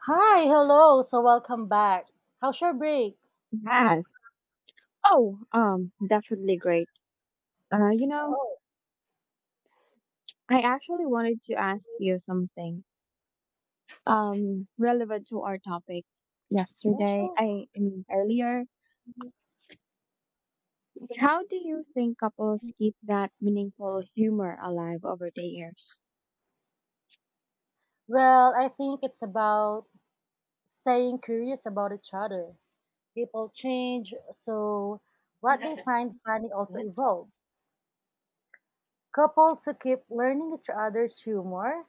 Hi, hello. So welcome back. How's your break? Yes. Oh, that's really great. Uh, you know, Oh, I actually wanted to ask you something, relevant to our topic yeah, yesterday. sure. I mean, earlier. How do you think couples keep that meaningful humor alive over the years? Well, I think it's about staying curious about each other. People change, so what they find funny also evolves. Couples who keep learning each other's humor,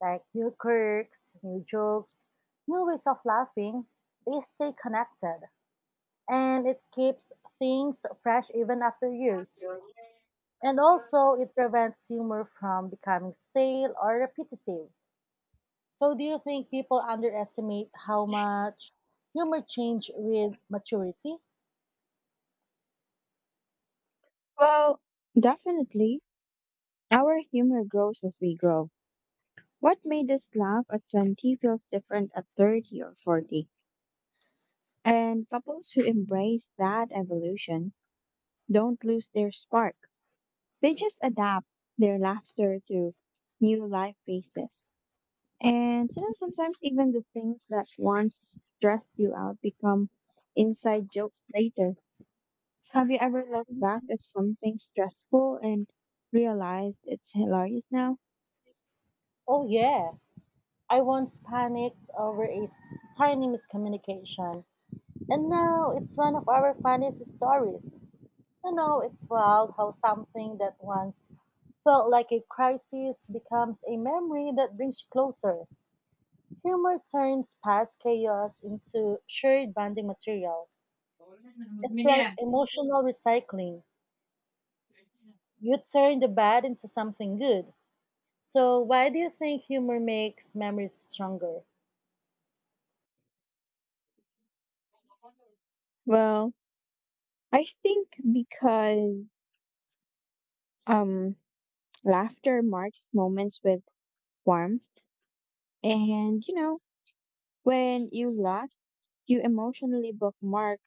like new quirks, new jokes, new ways of laughing, they stay connected. And it keeps things fresh even after years. And also, it prevents humor from becoming stale or repetitive. So, do you think people underestimate how much humor change with maturity? Well, definitely. Our humor grows as we grow. What made us laugh at 20 feels different at 30 or 40. And couples who embrace that evolution don't lose their spark. They just adapt their laughter to new life phases. And you know, sometimes even the things that once stressed you out become inside jokes later. Have you ever looked back at something stressful and realized it's hilarious now? Oh, yeah. I once panicked over a tiny miscommunication, and now it's one of our funniest stories. You know, it's wild how something that once felt like a crisis becomes a memory that brings you closer. Humor turns past chaos into shared bonding material. It's like emotional recycling. You turn the bad into something good. So, why do you think humor makes memories stronger? Well, I think because um laughter marks moments with warmth and you know, when you laugh, you emotionally bookmark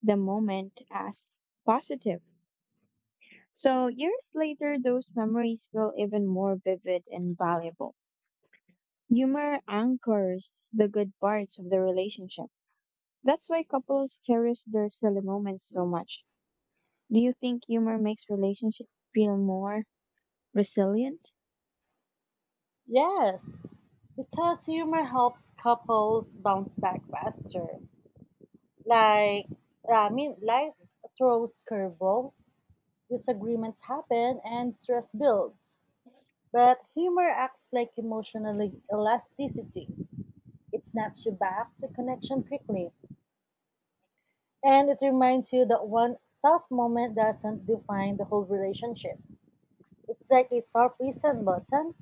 the moment as positive. So years later, those memories feel even more vivid and valuable. Humor anchors the good parts of the relationship. That's why couples cherish their silly moments so much. Do you think humor makes relationships feel more resilient? Yes, because humor helps couples bounce back faster. Like, I mean, life throws curveballs, disagreements happen, and stress builds. But humor acts like emotional elasticity. It snaps you back to connection quickly. And it reminds you that one tough moment doesn't define the whole relationship. It's like a soft reset button.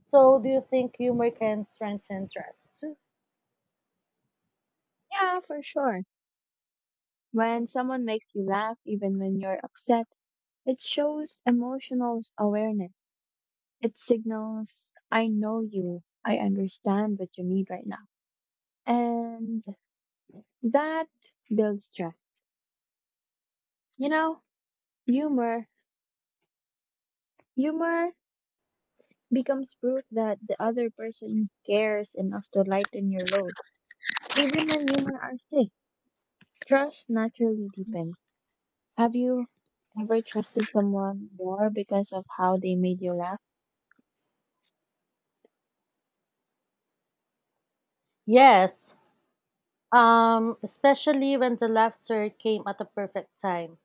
So, do you think humor can strengthen trust too? Yeah, for sure. When someone makes you laugh, even when you're upset, it shows emotional awareness. It signals, I know you. I understand what you need right now. And that builds trust. You know, humor, humor becomes proof that the other person cares enough to lighten your load. Even when humor are sick, trust naturally deepens. Have you ever trusted someone more because of how they made you laugh? Yes, especially when the laughter came at the perfect time.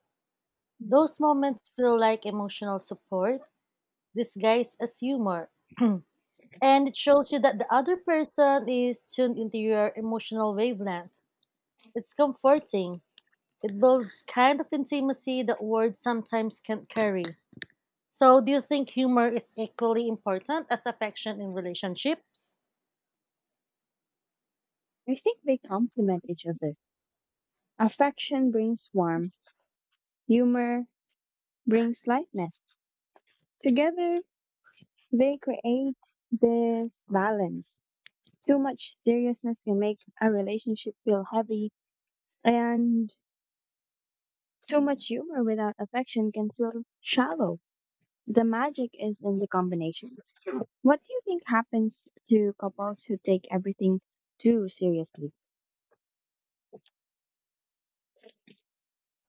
Those moments feel like emotional support, disguised as humor. And it shows you that the other person is tuned into your emotional wavelength. It's comforting. It builds kind of intimacy that words sometimes can't carry. So, do you think humor is equally important as affection in relationships? I think they complement each other. Affection brings warmth, humor brings lightness. Together, they create this balance. Too much seriousness can make a relationship feel heavy, and too much humor without affection can feel shallow. The magic is in the combination. What do you think happens to couples who take everything too seriously?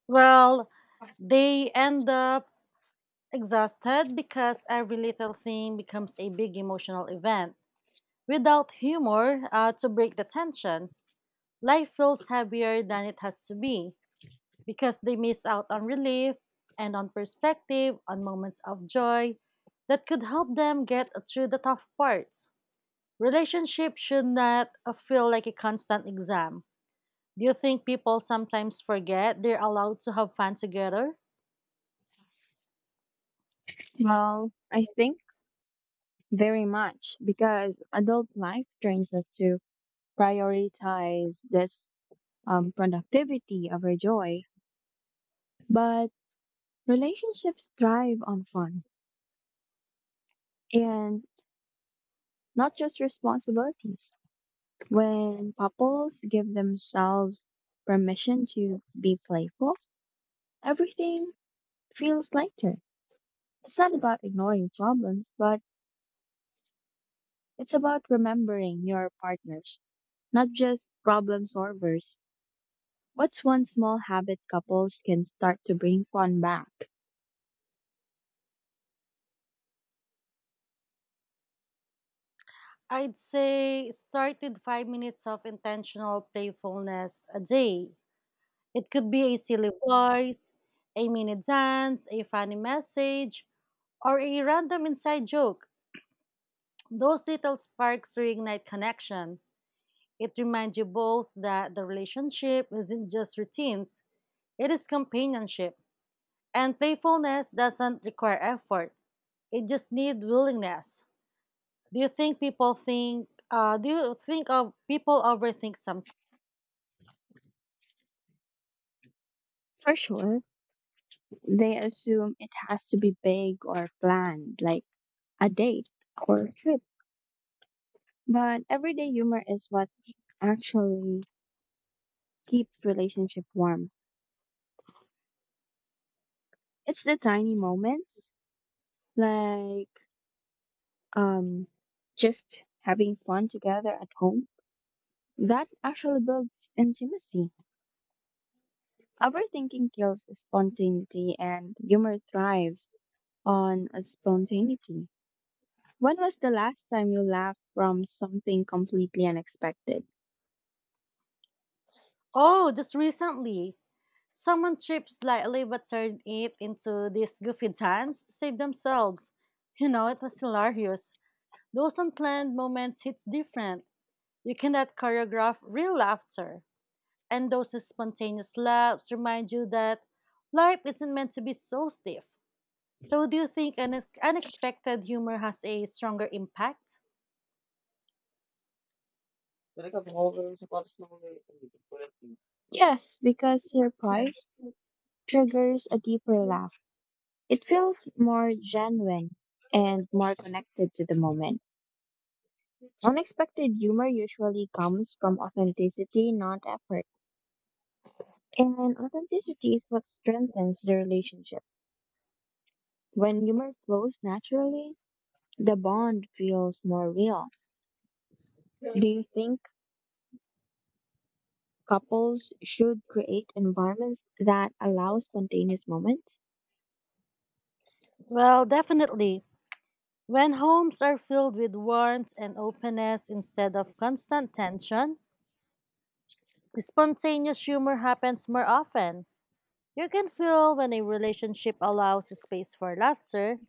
Well, they end up exhausted because every little thing becomes a big emotional event. Without humor to break the tension, life feels heavier than it has to be because they miss out on relief and on perspective, on moments of joy that could help them get through the tough parts. Relationship should not feel like a constant exam. Do you think people sometimes forget they're allowed to have fun together? Well, I think very much because adult life trains us to prioritize this productivity over joy. But relationships thrive on fun and not just responsibilities. When couples give themselves permission to be playful, everything feels lighter. It's not about ignoring problems, but it's about remembering your partners, not just problem solvers. What's one small habit couples can start to bring fun back? I'd say start with 5 minutes of intentional playfulness a day. It could be a silly voice, a mini dance, a funny message, or a random inside joke. Those little sparks reignite connection. It reminds you both that the relationship isn't just routines, it is companionship. And playfulness doesn't require effort, it just needs willingness. Do you think of people overthink something? For sure, they assume it has to be big or planned, like a date or a trip, but everyday humor is what actually keeps relationship warm. It's the tiny moments, like, um, just having fun together at home, that actually builds intimacy. Overthinking kills spontaneity, and humor thrives on spontaneity. When was the last time you laughed from something completely unexpected? Oh, just recently, someone tripped slightly but turned it into this goofy dance to save themselves. You know, it was hilarious. Those unplanned moments hits different. You cannot choreograph real laughter. And those spontaneous laughs remind you that life isn't meant to be so stiff. So do you think unexpected humor has a stronger impact? Yes, because surprise triggers a deeper laugh. It feels more genuine and more connected to the moment. Unexpected humor usually comes from authenticity, not effort. And authenticity is what strengthens the relationship. When humor flows naturally, the bond feels more real. Do you think couples should create environments that allow spontaneous moments? Well, definitely. When homes are filled with warmth and openness instead of constant tension, spontaneous humor happens more often. You can feel when a relationship allows space for laughter,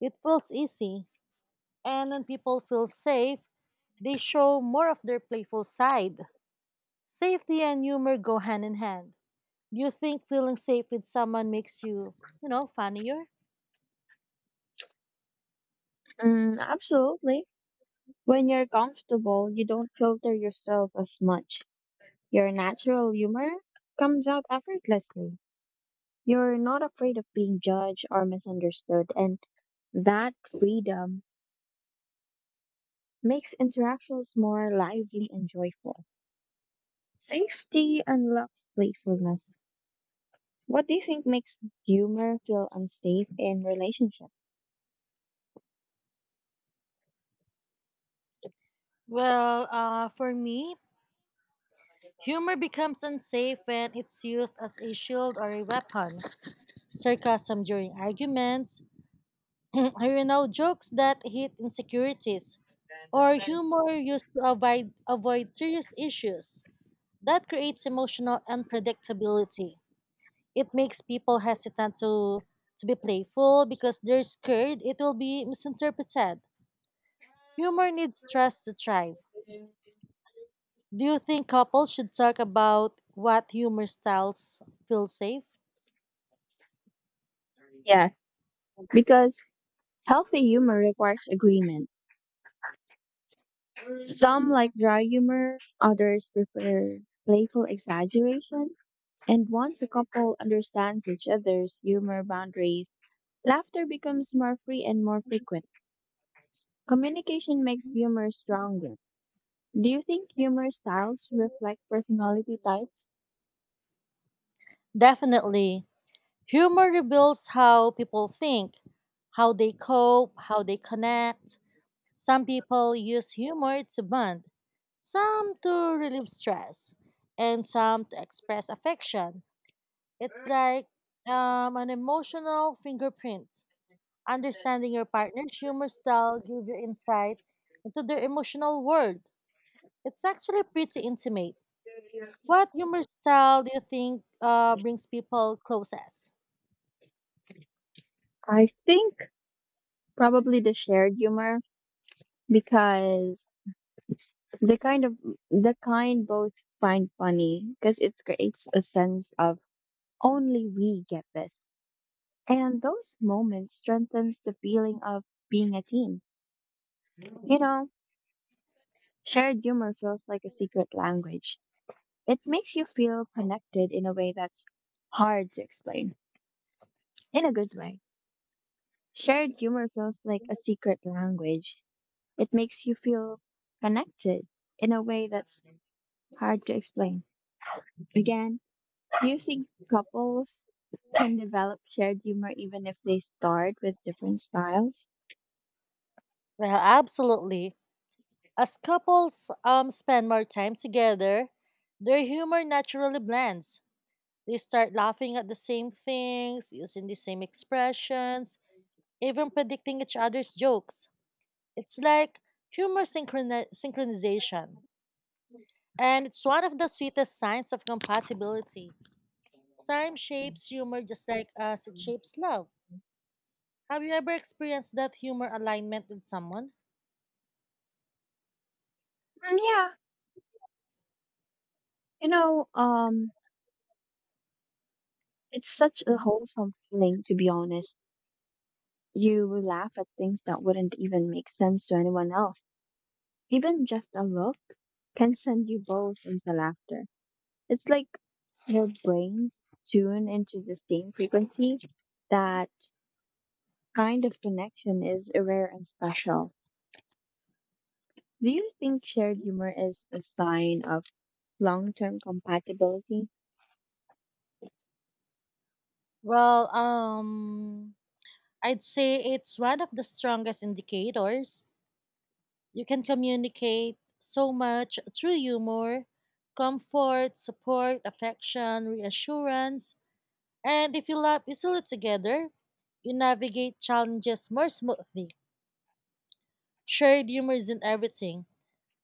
it feels easy. And when people feel safe, they show more of their playful side. Safety and humor go hand in hand. Do you think feeling safe with someone makes you funnier? Mm, absolutely. When you're comfortable, you don't filter yourself as much. Your natural humor comes out effortlessly. You're not afraid of being judged or misunderstood, and that freedom makes interactions more lively and joyful. Safety unlocks playfulness. What do you think makes humor feel unsafe in relationships? Well, for me, humor becomes unsafe when it's used as a shield or a weapon. Sarcasm during arguments, you know, jokes that hit insecurities, or humor used to avoid serious issues. That creates emotional unpredictability. It makes people hesitant to be playful because they're scared it will be misinterpreted. Humor needs trust to thrive. Do you think couples should talk about what humor styles feel safe? Yeah, because healthy humor requires agreement. Some like dry humor, others prefer playful exaggeration. And once a couple understands each other's humor boundaries, laughter becomes more free and more frequent. Communication makes humor stronger. Do you think humor styles reflect personality types? Definitely. Humor reveals how people think, how they cope, how they connect. Some people use humor to bond, some to relieve stress, and some to express affection. It's like an emotional fingerprint. Understanding your partner's humor style gives you insight into their emotional world. It's actually pretty intimate. What humor style do you think brings people closest? I think probably the shared humor, because the kind of the kind both find funny, because it creates a sense of only we get this. And those moments strengthens the feeling of being a team. You know, shared humor feels like a secret language. It makes you feel connected in a way that's hard to explain. In a good way. Shared humor feels like a secret language. It makes you feel connected in a way that's hard to explain. Again, do you think couples can develop shared humor even if they start with different styles? Well, absolutely. As couples spend more time together, their humor naturally blends. They start laughing at the same things, using the same expressions, even predicting each other's jokes. It's like humor synchronization. And it's one of the sweetest signs of compatibility. Time shapes humor just like as it shapes love. Have you ever experienced that humor alignment with someone? Mm, yeah, you know, it's such a Mhm. wholesome feeling, to be honest. You will laugh at things that wouldn't even make sense to anyone else. Even just a look can send you both into laughter. It's like your brains tune into the same frequency. Ừm. That kind of connection is rare and special. Do you think shared humor is a sign of long term compatibility? Well, I'd say it's one of the strongest indicators. You can communicate so much through humor, comfort, support, affection, reassurance, and if you laugh easily together, you navigate challenges more smoothly. Shared humor isn't everything,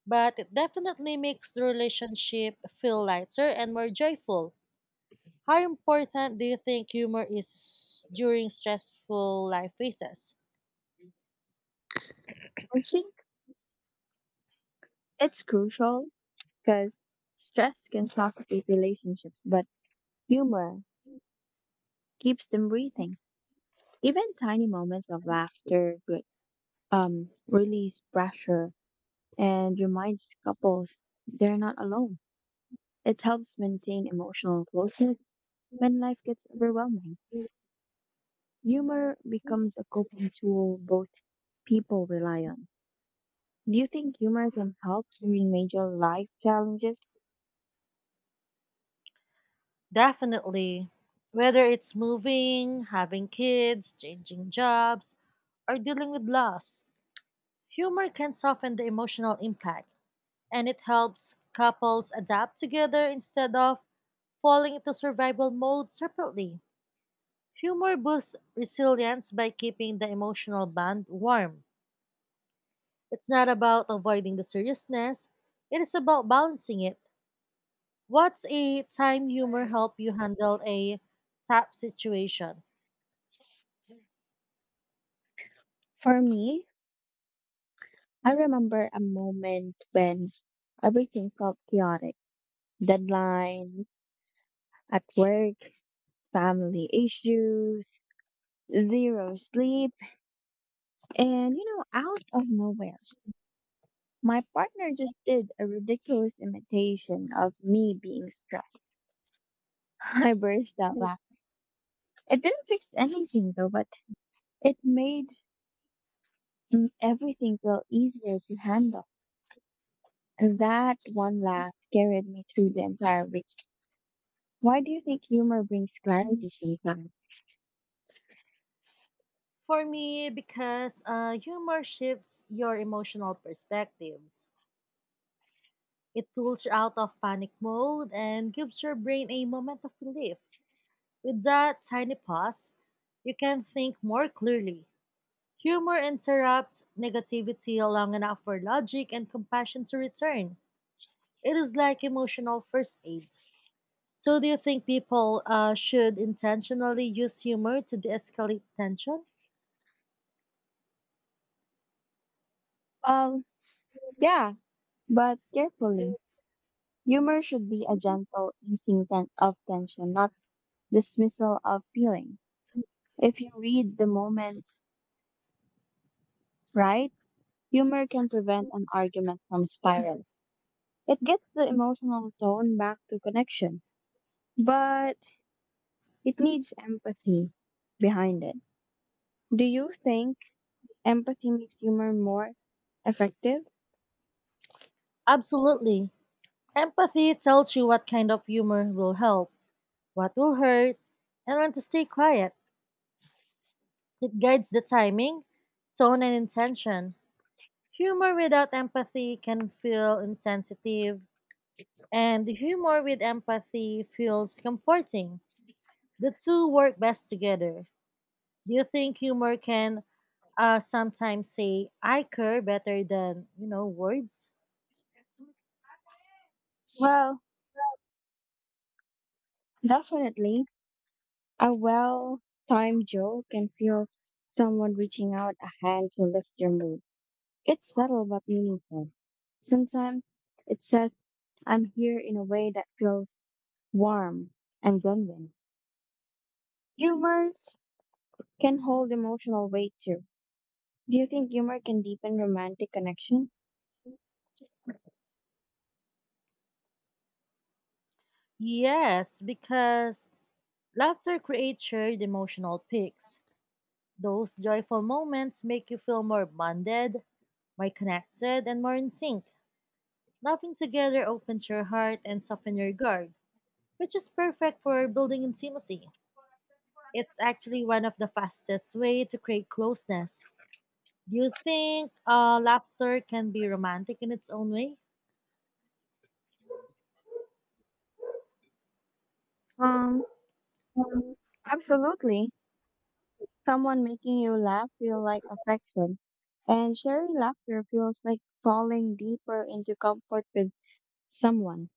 but it definitely makes the relationship feel lighter and more joyful. How important do you think humor is during stressful life phases? I think it's crucial because stress can suffocate relationships, but humor keeps them breathing. Even tiny moments of laughter release pressure and reminds couples they're not alone. It helps maintain emotional closeness when life gets overwhelming. Humor becomes a coping tool both people rely on. Do you think humor can help during major life challenges? Definitely. Whether it's moving, having kids, changing jobs, or dealing with loss, humor can soften the emotional impact and it helps couples adapt together instead of falling into survival mode separately. Humor boosts resilience by keeping the emotional bond warm. It's not about avoiding the seriousness, it is about balancing it. What's a time humor help you handle a tough situation? For me, I remember a moment when everything felt chaotic: deadlines at work, family issues, zero sleep, and you know, out of nowhere, my partner just did a ridiculous imitation of me being stressed. I burst out laughing. It didn't fix anything though, but it made, everything feel easier to handle. And that one laugh carried me through the entire week. Why do you think humor brings clarity sometimes? For me, because humor shifts your emotional perspectives. It pulls you out of panic mode and gives your brain a moment of relief. With that tiny pause, you can think more clearly. Humor interrupts negativity long enough for logic and compassion to return. It is like emotional first aid. So, do you think people should intentionally use humor to de escalate tension? Well, yeah, but carefully. Humor should be a gentle easing of tension, not dismissal of feeling. If you read the moment right, humor can prevent an argument from spiraling. It gets the emotional tone back to connection, but it needs empathy behind it. Do you think empathy makes humor more effective? Absolutely. Empathy tells you what kind of humor will help, what will hurt, and when to stay quiet. It guides the timing, tone, and intention. Humor without empathy can feel insensitive, and humor with empathy feels comforting. The two work best together. Do you think humor can sometimes say "I care" better than words? Well, definitely. A well timed joke can feel someone reaching out a hand to lift your mood. It's subtle but meaningful. Sometimes it says, I'm here, in a way that feels warm and genuine. Humors. Can hold emotional weight too. Do you think humor can deepen romantic connection? Yes, because laughter creates shared emotional peaks. Those joyful moments make you feel more bonded, more connected, and more in sync. Laughing together opens your heart and softens your guard, which is perfect for building intimacy. It's actually one of the fastest way to create closeness. Do you think laughter can be romantic in its own way? Um, absolutely. Someone making you laugh feel like affection, and sharing laughter feels like falling deeper into comfort with someone.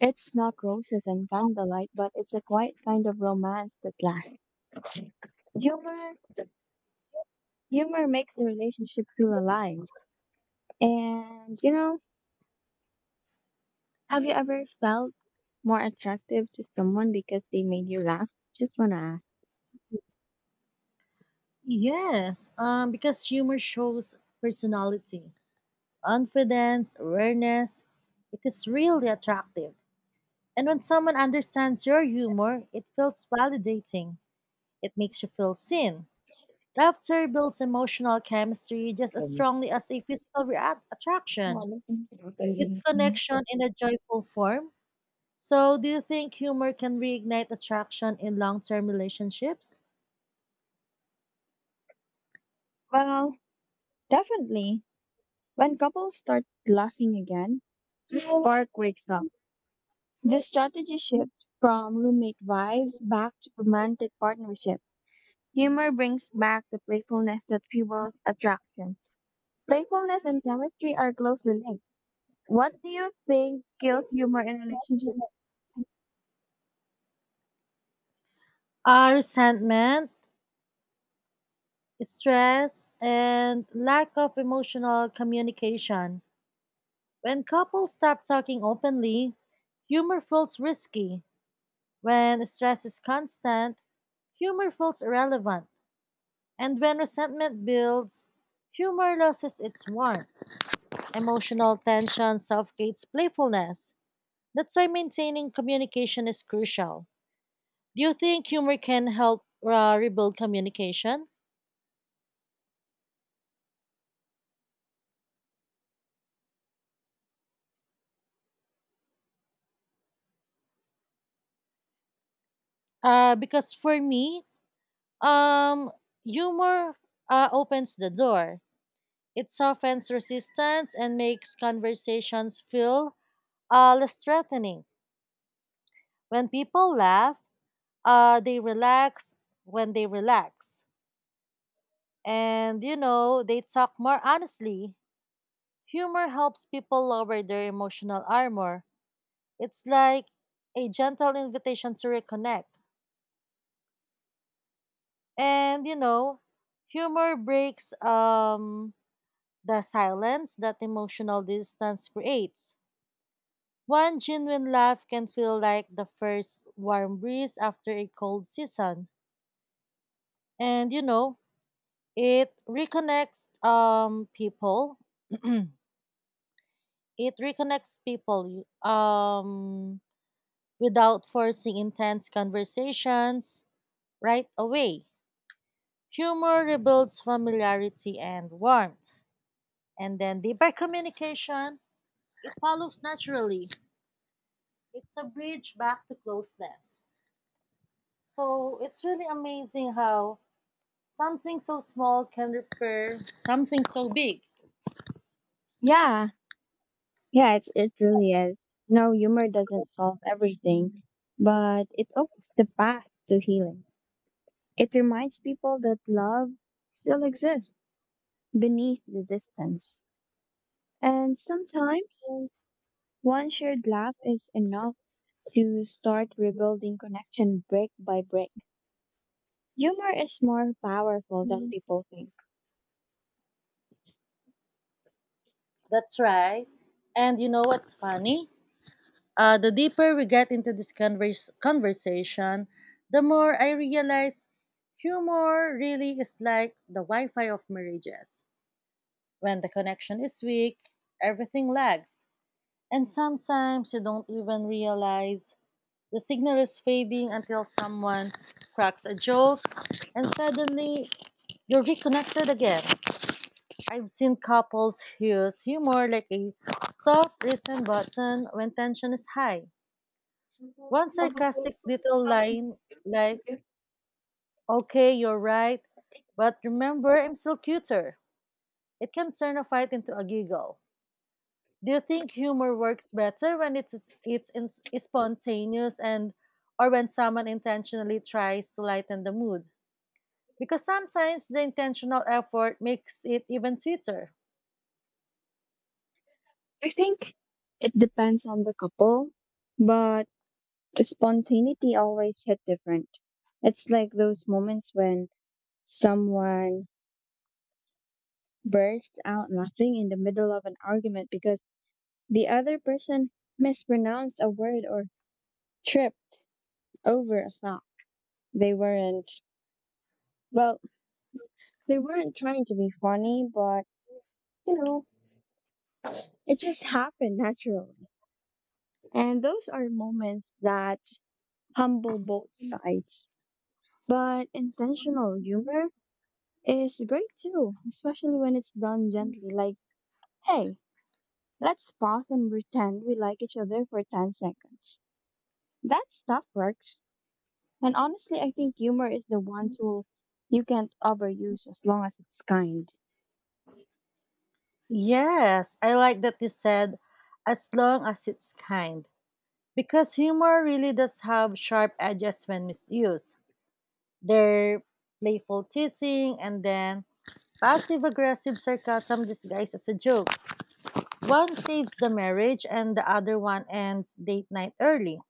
It's not roses and candlelight, but it's a quiet kind of romance that lasts. Humor, humor makes the relationship feel alive. And you know, have you ever felt more attractive to someone because they made you laugh? Just wanna ask. Yes, because humor shows personality, confidence, awareness. It is really attractive. And when someone understands your humor, it feels validating. It makes you feel seen. Laughter builds emotional chemistry just as strongly as a physical attraction. Well, It's connection in a joyful form. So, do you think humor can reignite attraction in long term relationships? definitely. When couples start laughing again, the spark wakes up. The strategy shifts from roommate vibes back to romantic partnership. Humor brings back the playfulness that fuels attraction. Playfulness and chemistry are closely linked. What do you think kills humor in relationships? Are resentment, stress, and lack of emotional communication. When couples stop talking openly, humor feels risky. When stress is constant, humor feels irrelevant. And when resentment builds, humor loses its warmth. Emotional tension suffocates playfulness. That's why maintaining communication is crucial. Do you think humor can help rebuild communication? Because for me, um, humor opens the door. It softens resistance and makes conversations feel less threatening. When people laugh, they relax when they relax. And, you know, they talk more honestly. Humor helps people lower their emotional armor. It's like a gentle invitation to reconnect. And you know, humor breaks the silence that emotional distance creates. One genuine laugh can feel like the first warm breeze after a cold season. And you know, it reconnects um people. It reconnects people without forcing intense conversations right away. Humor rebuilds familiarity and warmth. And then deeper communication it follows naturally. It's a bridge back to closeness. So it's really amazing how something so small can repair something so big. Yeah, yeah, it really is. No, humor doesn't solve everything, but it opens the path to healing. It reminds people that love still exists beneath the distance. And sometimes one shared laugh is enough to start rebuilding connection brick by brick. Humor is more powerful than people think. That's right. And you know what's funny? The deeper we get into this conversation, the more I realize humor really is like the Wi Fi of marriages. When the connection is weak, everything lags. And sometimes you don't even realize the signal is fading until someone cracks a joke, and suddenly you're reconnected again. I've seen couples use humor like a soft reset button when tension is high. One sarcastic little line like, okay, you're right, but remember, I'm still cuter. It can turn a fight into a giggle. Do you think humor works better when it's in, spontaneous and or when someone intentionally tries to lighten the mood? Because sometimes the intentional effort makes it even sweeter. I think it depends on the couple, but spontaneity always hit different. It's like those moments when someone bursts out laughing in the middle of an argument because the other person mispronounced a word or tripped over a sock. They weren't, well, they weren't trying to be funny, but, you know, it just happened naturally. And those are moments that humble both sides. But intentional humor is great too, especially when it's done gently, like, hey, let's pause and pretend we like each other for 10 seconds. That stuff works. And honestly, I think humor is the one tool you can't overuse as long as it's kind. Yes, I like that you said, as long as it's kind. Because humor really does have sharp edges when misused. Their playful teasing and then passive aggressive sarcasm disguised as a joke. One saves the marriage and the other one ends date night early.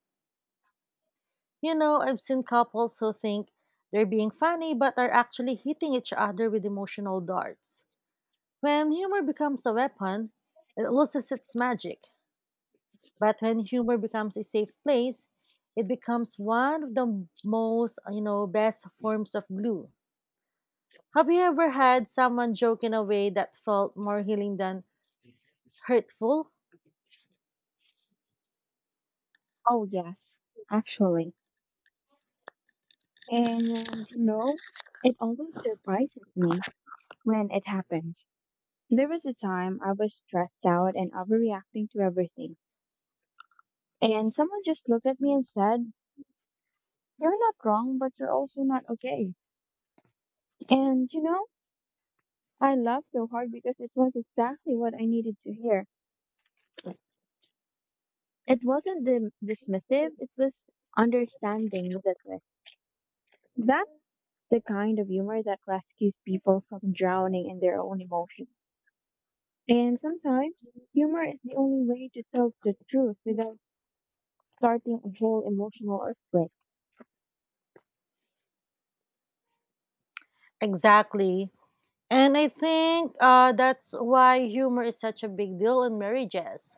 You know, I've seen couples who think they're being funny but are actually hitting each other with emotional darts. When humor becomes a weapon, it loses its magic. But when humor becomes a safe place, it becomes one of the most, you know, best forms of glue. Have you ever had someone joke in a way that felt more healing than hurtful? Oh, yes, actually. And, you know, it always surprises me when it happens. There was a time I was stressed out and overreacting to everything. And someone just looked at me and said, you're not wrong, but you're also not okay. And, you know, I laughed so hard because it was exactly what I needed to hear. It wasn't dismissive, it was understanding that way. That the kind of humor that rescues people from drowning in their own emotions. And sometimes, humor is the only way to tell the truth without starting a whole emotional earthquake. Exactly. And I think that's why humor is such a big deal in marriages.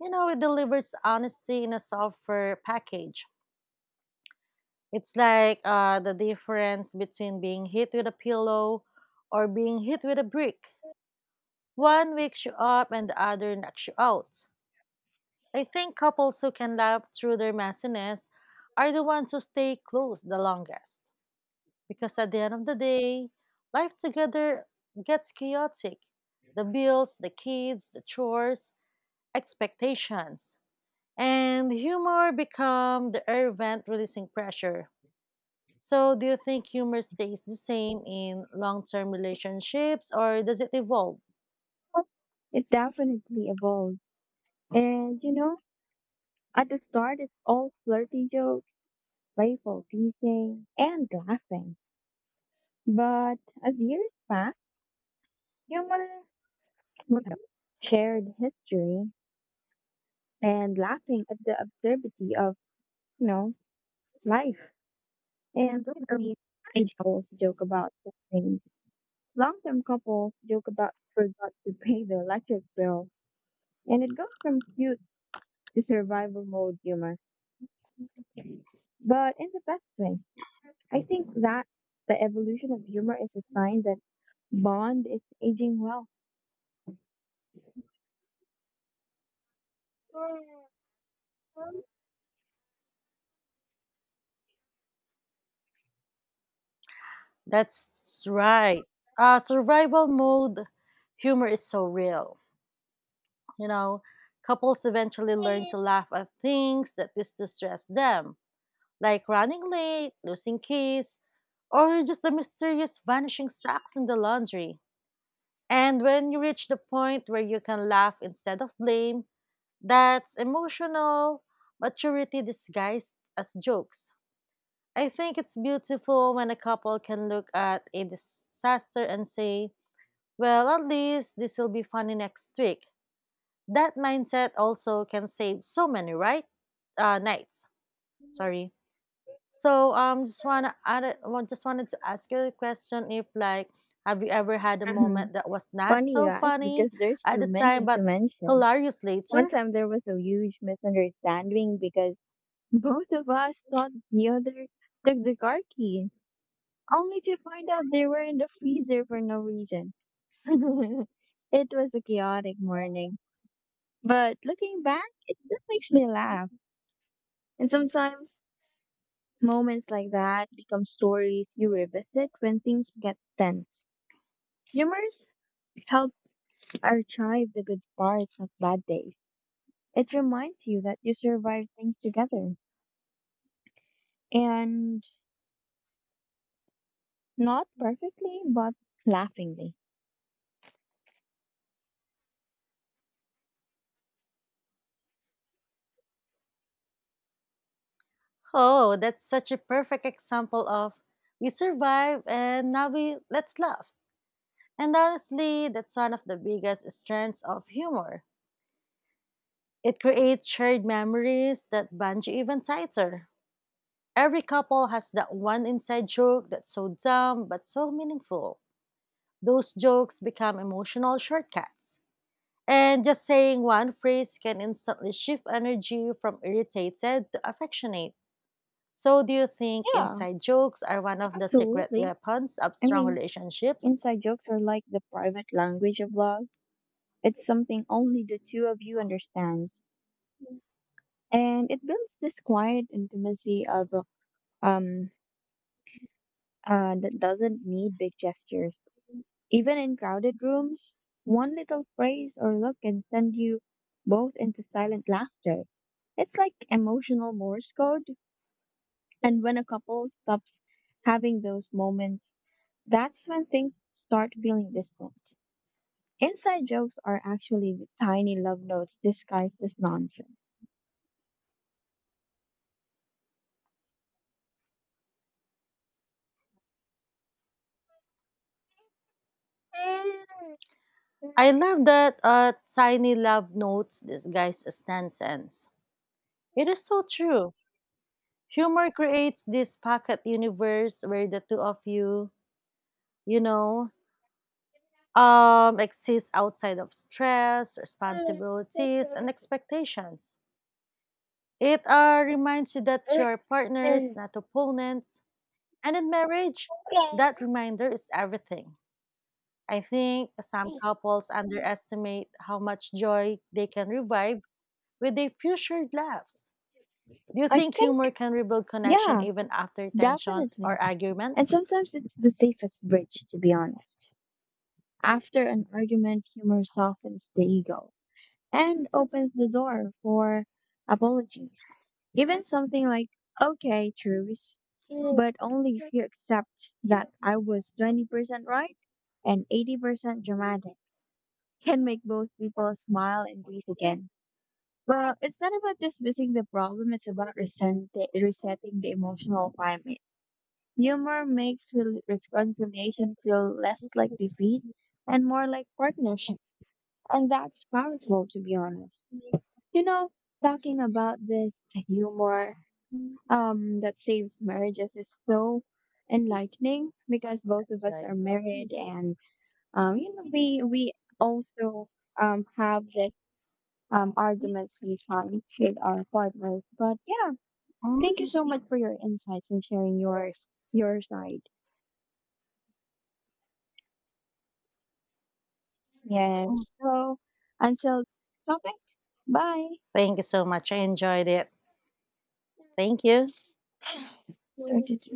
You know, it delivers honesty in a softer package. It's like the difference between being hit with a pillow or being hit with a brick. One wakes you up and the other knocks you out. I think couples who can laugh through their messiness are the ones who stay close the longest. Because at the end of the day, life together gets chaotic. The bills, the kids, the chores, expectations. And humor become the air vent releasing pressure. So, do you think humor stays the same in long term relationships or does it evolve? It definitely evolves. And you know, at the start, it's all flirty jokes, playful teasing, and laughing. But as years pass, humor shared history and laughing at the absurdity of, you know, life. And lately, teenage couples joke about such things. Long-term couples joke about forgot to pay the electric bill. And it goes from cute to survival mode humor, but in the best way. I think that the evolution of humor is a sign that Bond is aging well. That's right. Survival mode humor is so real. You know, couples eventually learn to laugh at things that used to stress them, like running late, losing keys, or just the mysterious vanishing socks in the laundry. And when you reach the point where you can laugh instead of blame, that's emotional maturity disguised as jokes. I think it's beautiful when a couple can look at a disaster and say, well, at least this will be funny next week. That mindset also can save so many nights. Sorry. So just wanna add, well, just wanted to ask you a question. If like, have you ever had a Mhm. moment that was not Funny you so ask, because funny there's at too the time many to but mention. hilarious One later? time there was a huge misunderstanding because both of us thought the other took the car key, only to find out they were in the freezer for no reason. It was a chaotic morning, but looking back, it still makes me laugh. And sometimes moments like that become stories you revisit when things get tense. Humors help archive the good parts of bad days. It reminds you that you survived things together and not perfectly, but laughingly. Oh, that's such a perfect example of we survive and now we let's laugh. And honestly, that's one of the biggest strengths of humor. It creates shared memories that bond you even tighter. Every couple has that one inside joke that's so dumb but so meaningful. Those jokes become emotional shortcuts. And just saying one phrase can instantly shift energy from irritated to affectionate. So, do you think Yeah, inside jokes are one of the secret absolutely. weapons of I strong mean, relationships? inside jokes are like the private language of love. It's something only the two of you understands, and it builds this quiet intimacy of um that doesn't need big gestures. Even in crowded rooms, one little phrase or look can send you both into silent laughter. It's like emotional Morse code, and when a couple stops having those moments, that's when things start feeling distant. Inside jokes are actually tiny love notes disguised as nonsense. I love that tiny love notes disguised as nonsense. It is so true. Humor creates this pocket universe where the two of you, you know, exists outside of stress, responsibilities, and expectations. It reminds you that you're partners, not opponents. And in marriage, that reminder is everything. I think some couples underestimate how much joy they can revive with their few shared laughs. Do you I think humor think, can rebuild connection yeah, even after tension definitely. or And arguments? sometimes it's the safest bridge, to be honest. After an argument, humor softens the ego and opens the door for apologies. Even something like, okay, truce, but only if you accept that I was 20% right and 80% dramatic can make both people smile and breathe again. Well, it's not about dismissing the problem, it's about resetting the emotional climate. Humor makes reconciliation feel less like defeat and more like partnership, and that's powerful, to be honest. That's You know, talking about this humor that saves marriages is so enlightening because both of us right. are married, and you know, we also have this argument sometimes with our partners. But yeah, Mm, thank you so much for your insights and sharing your side. Yes. So until topic, bye. thank you so much. I enjoyed it. Thank you. Talk to you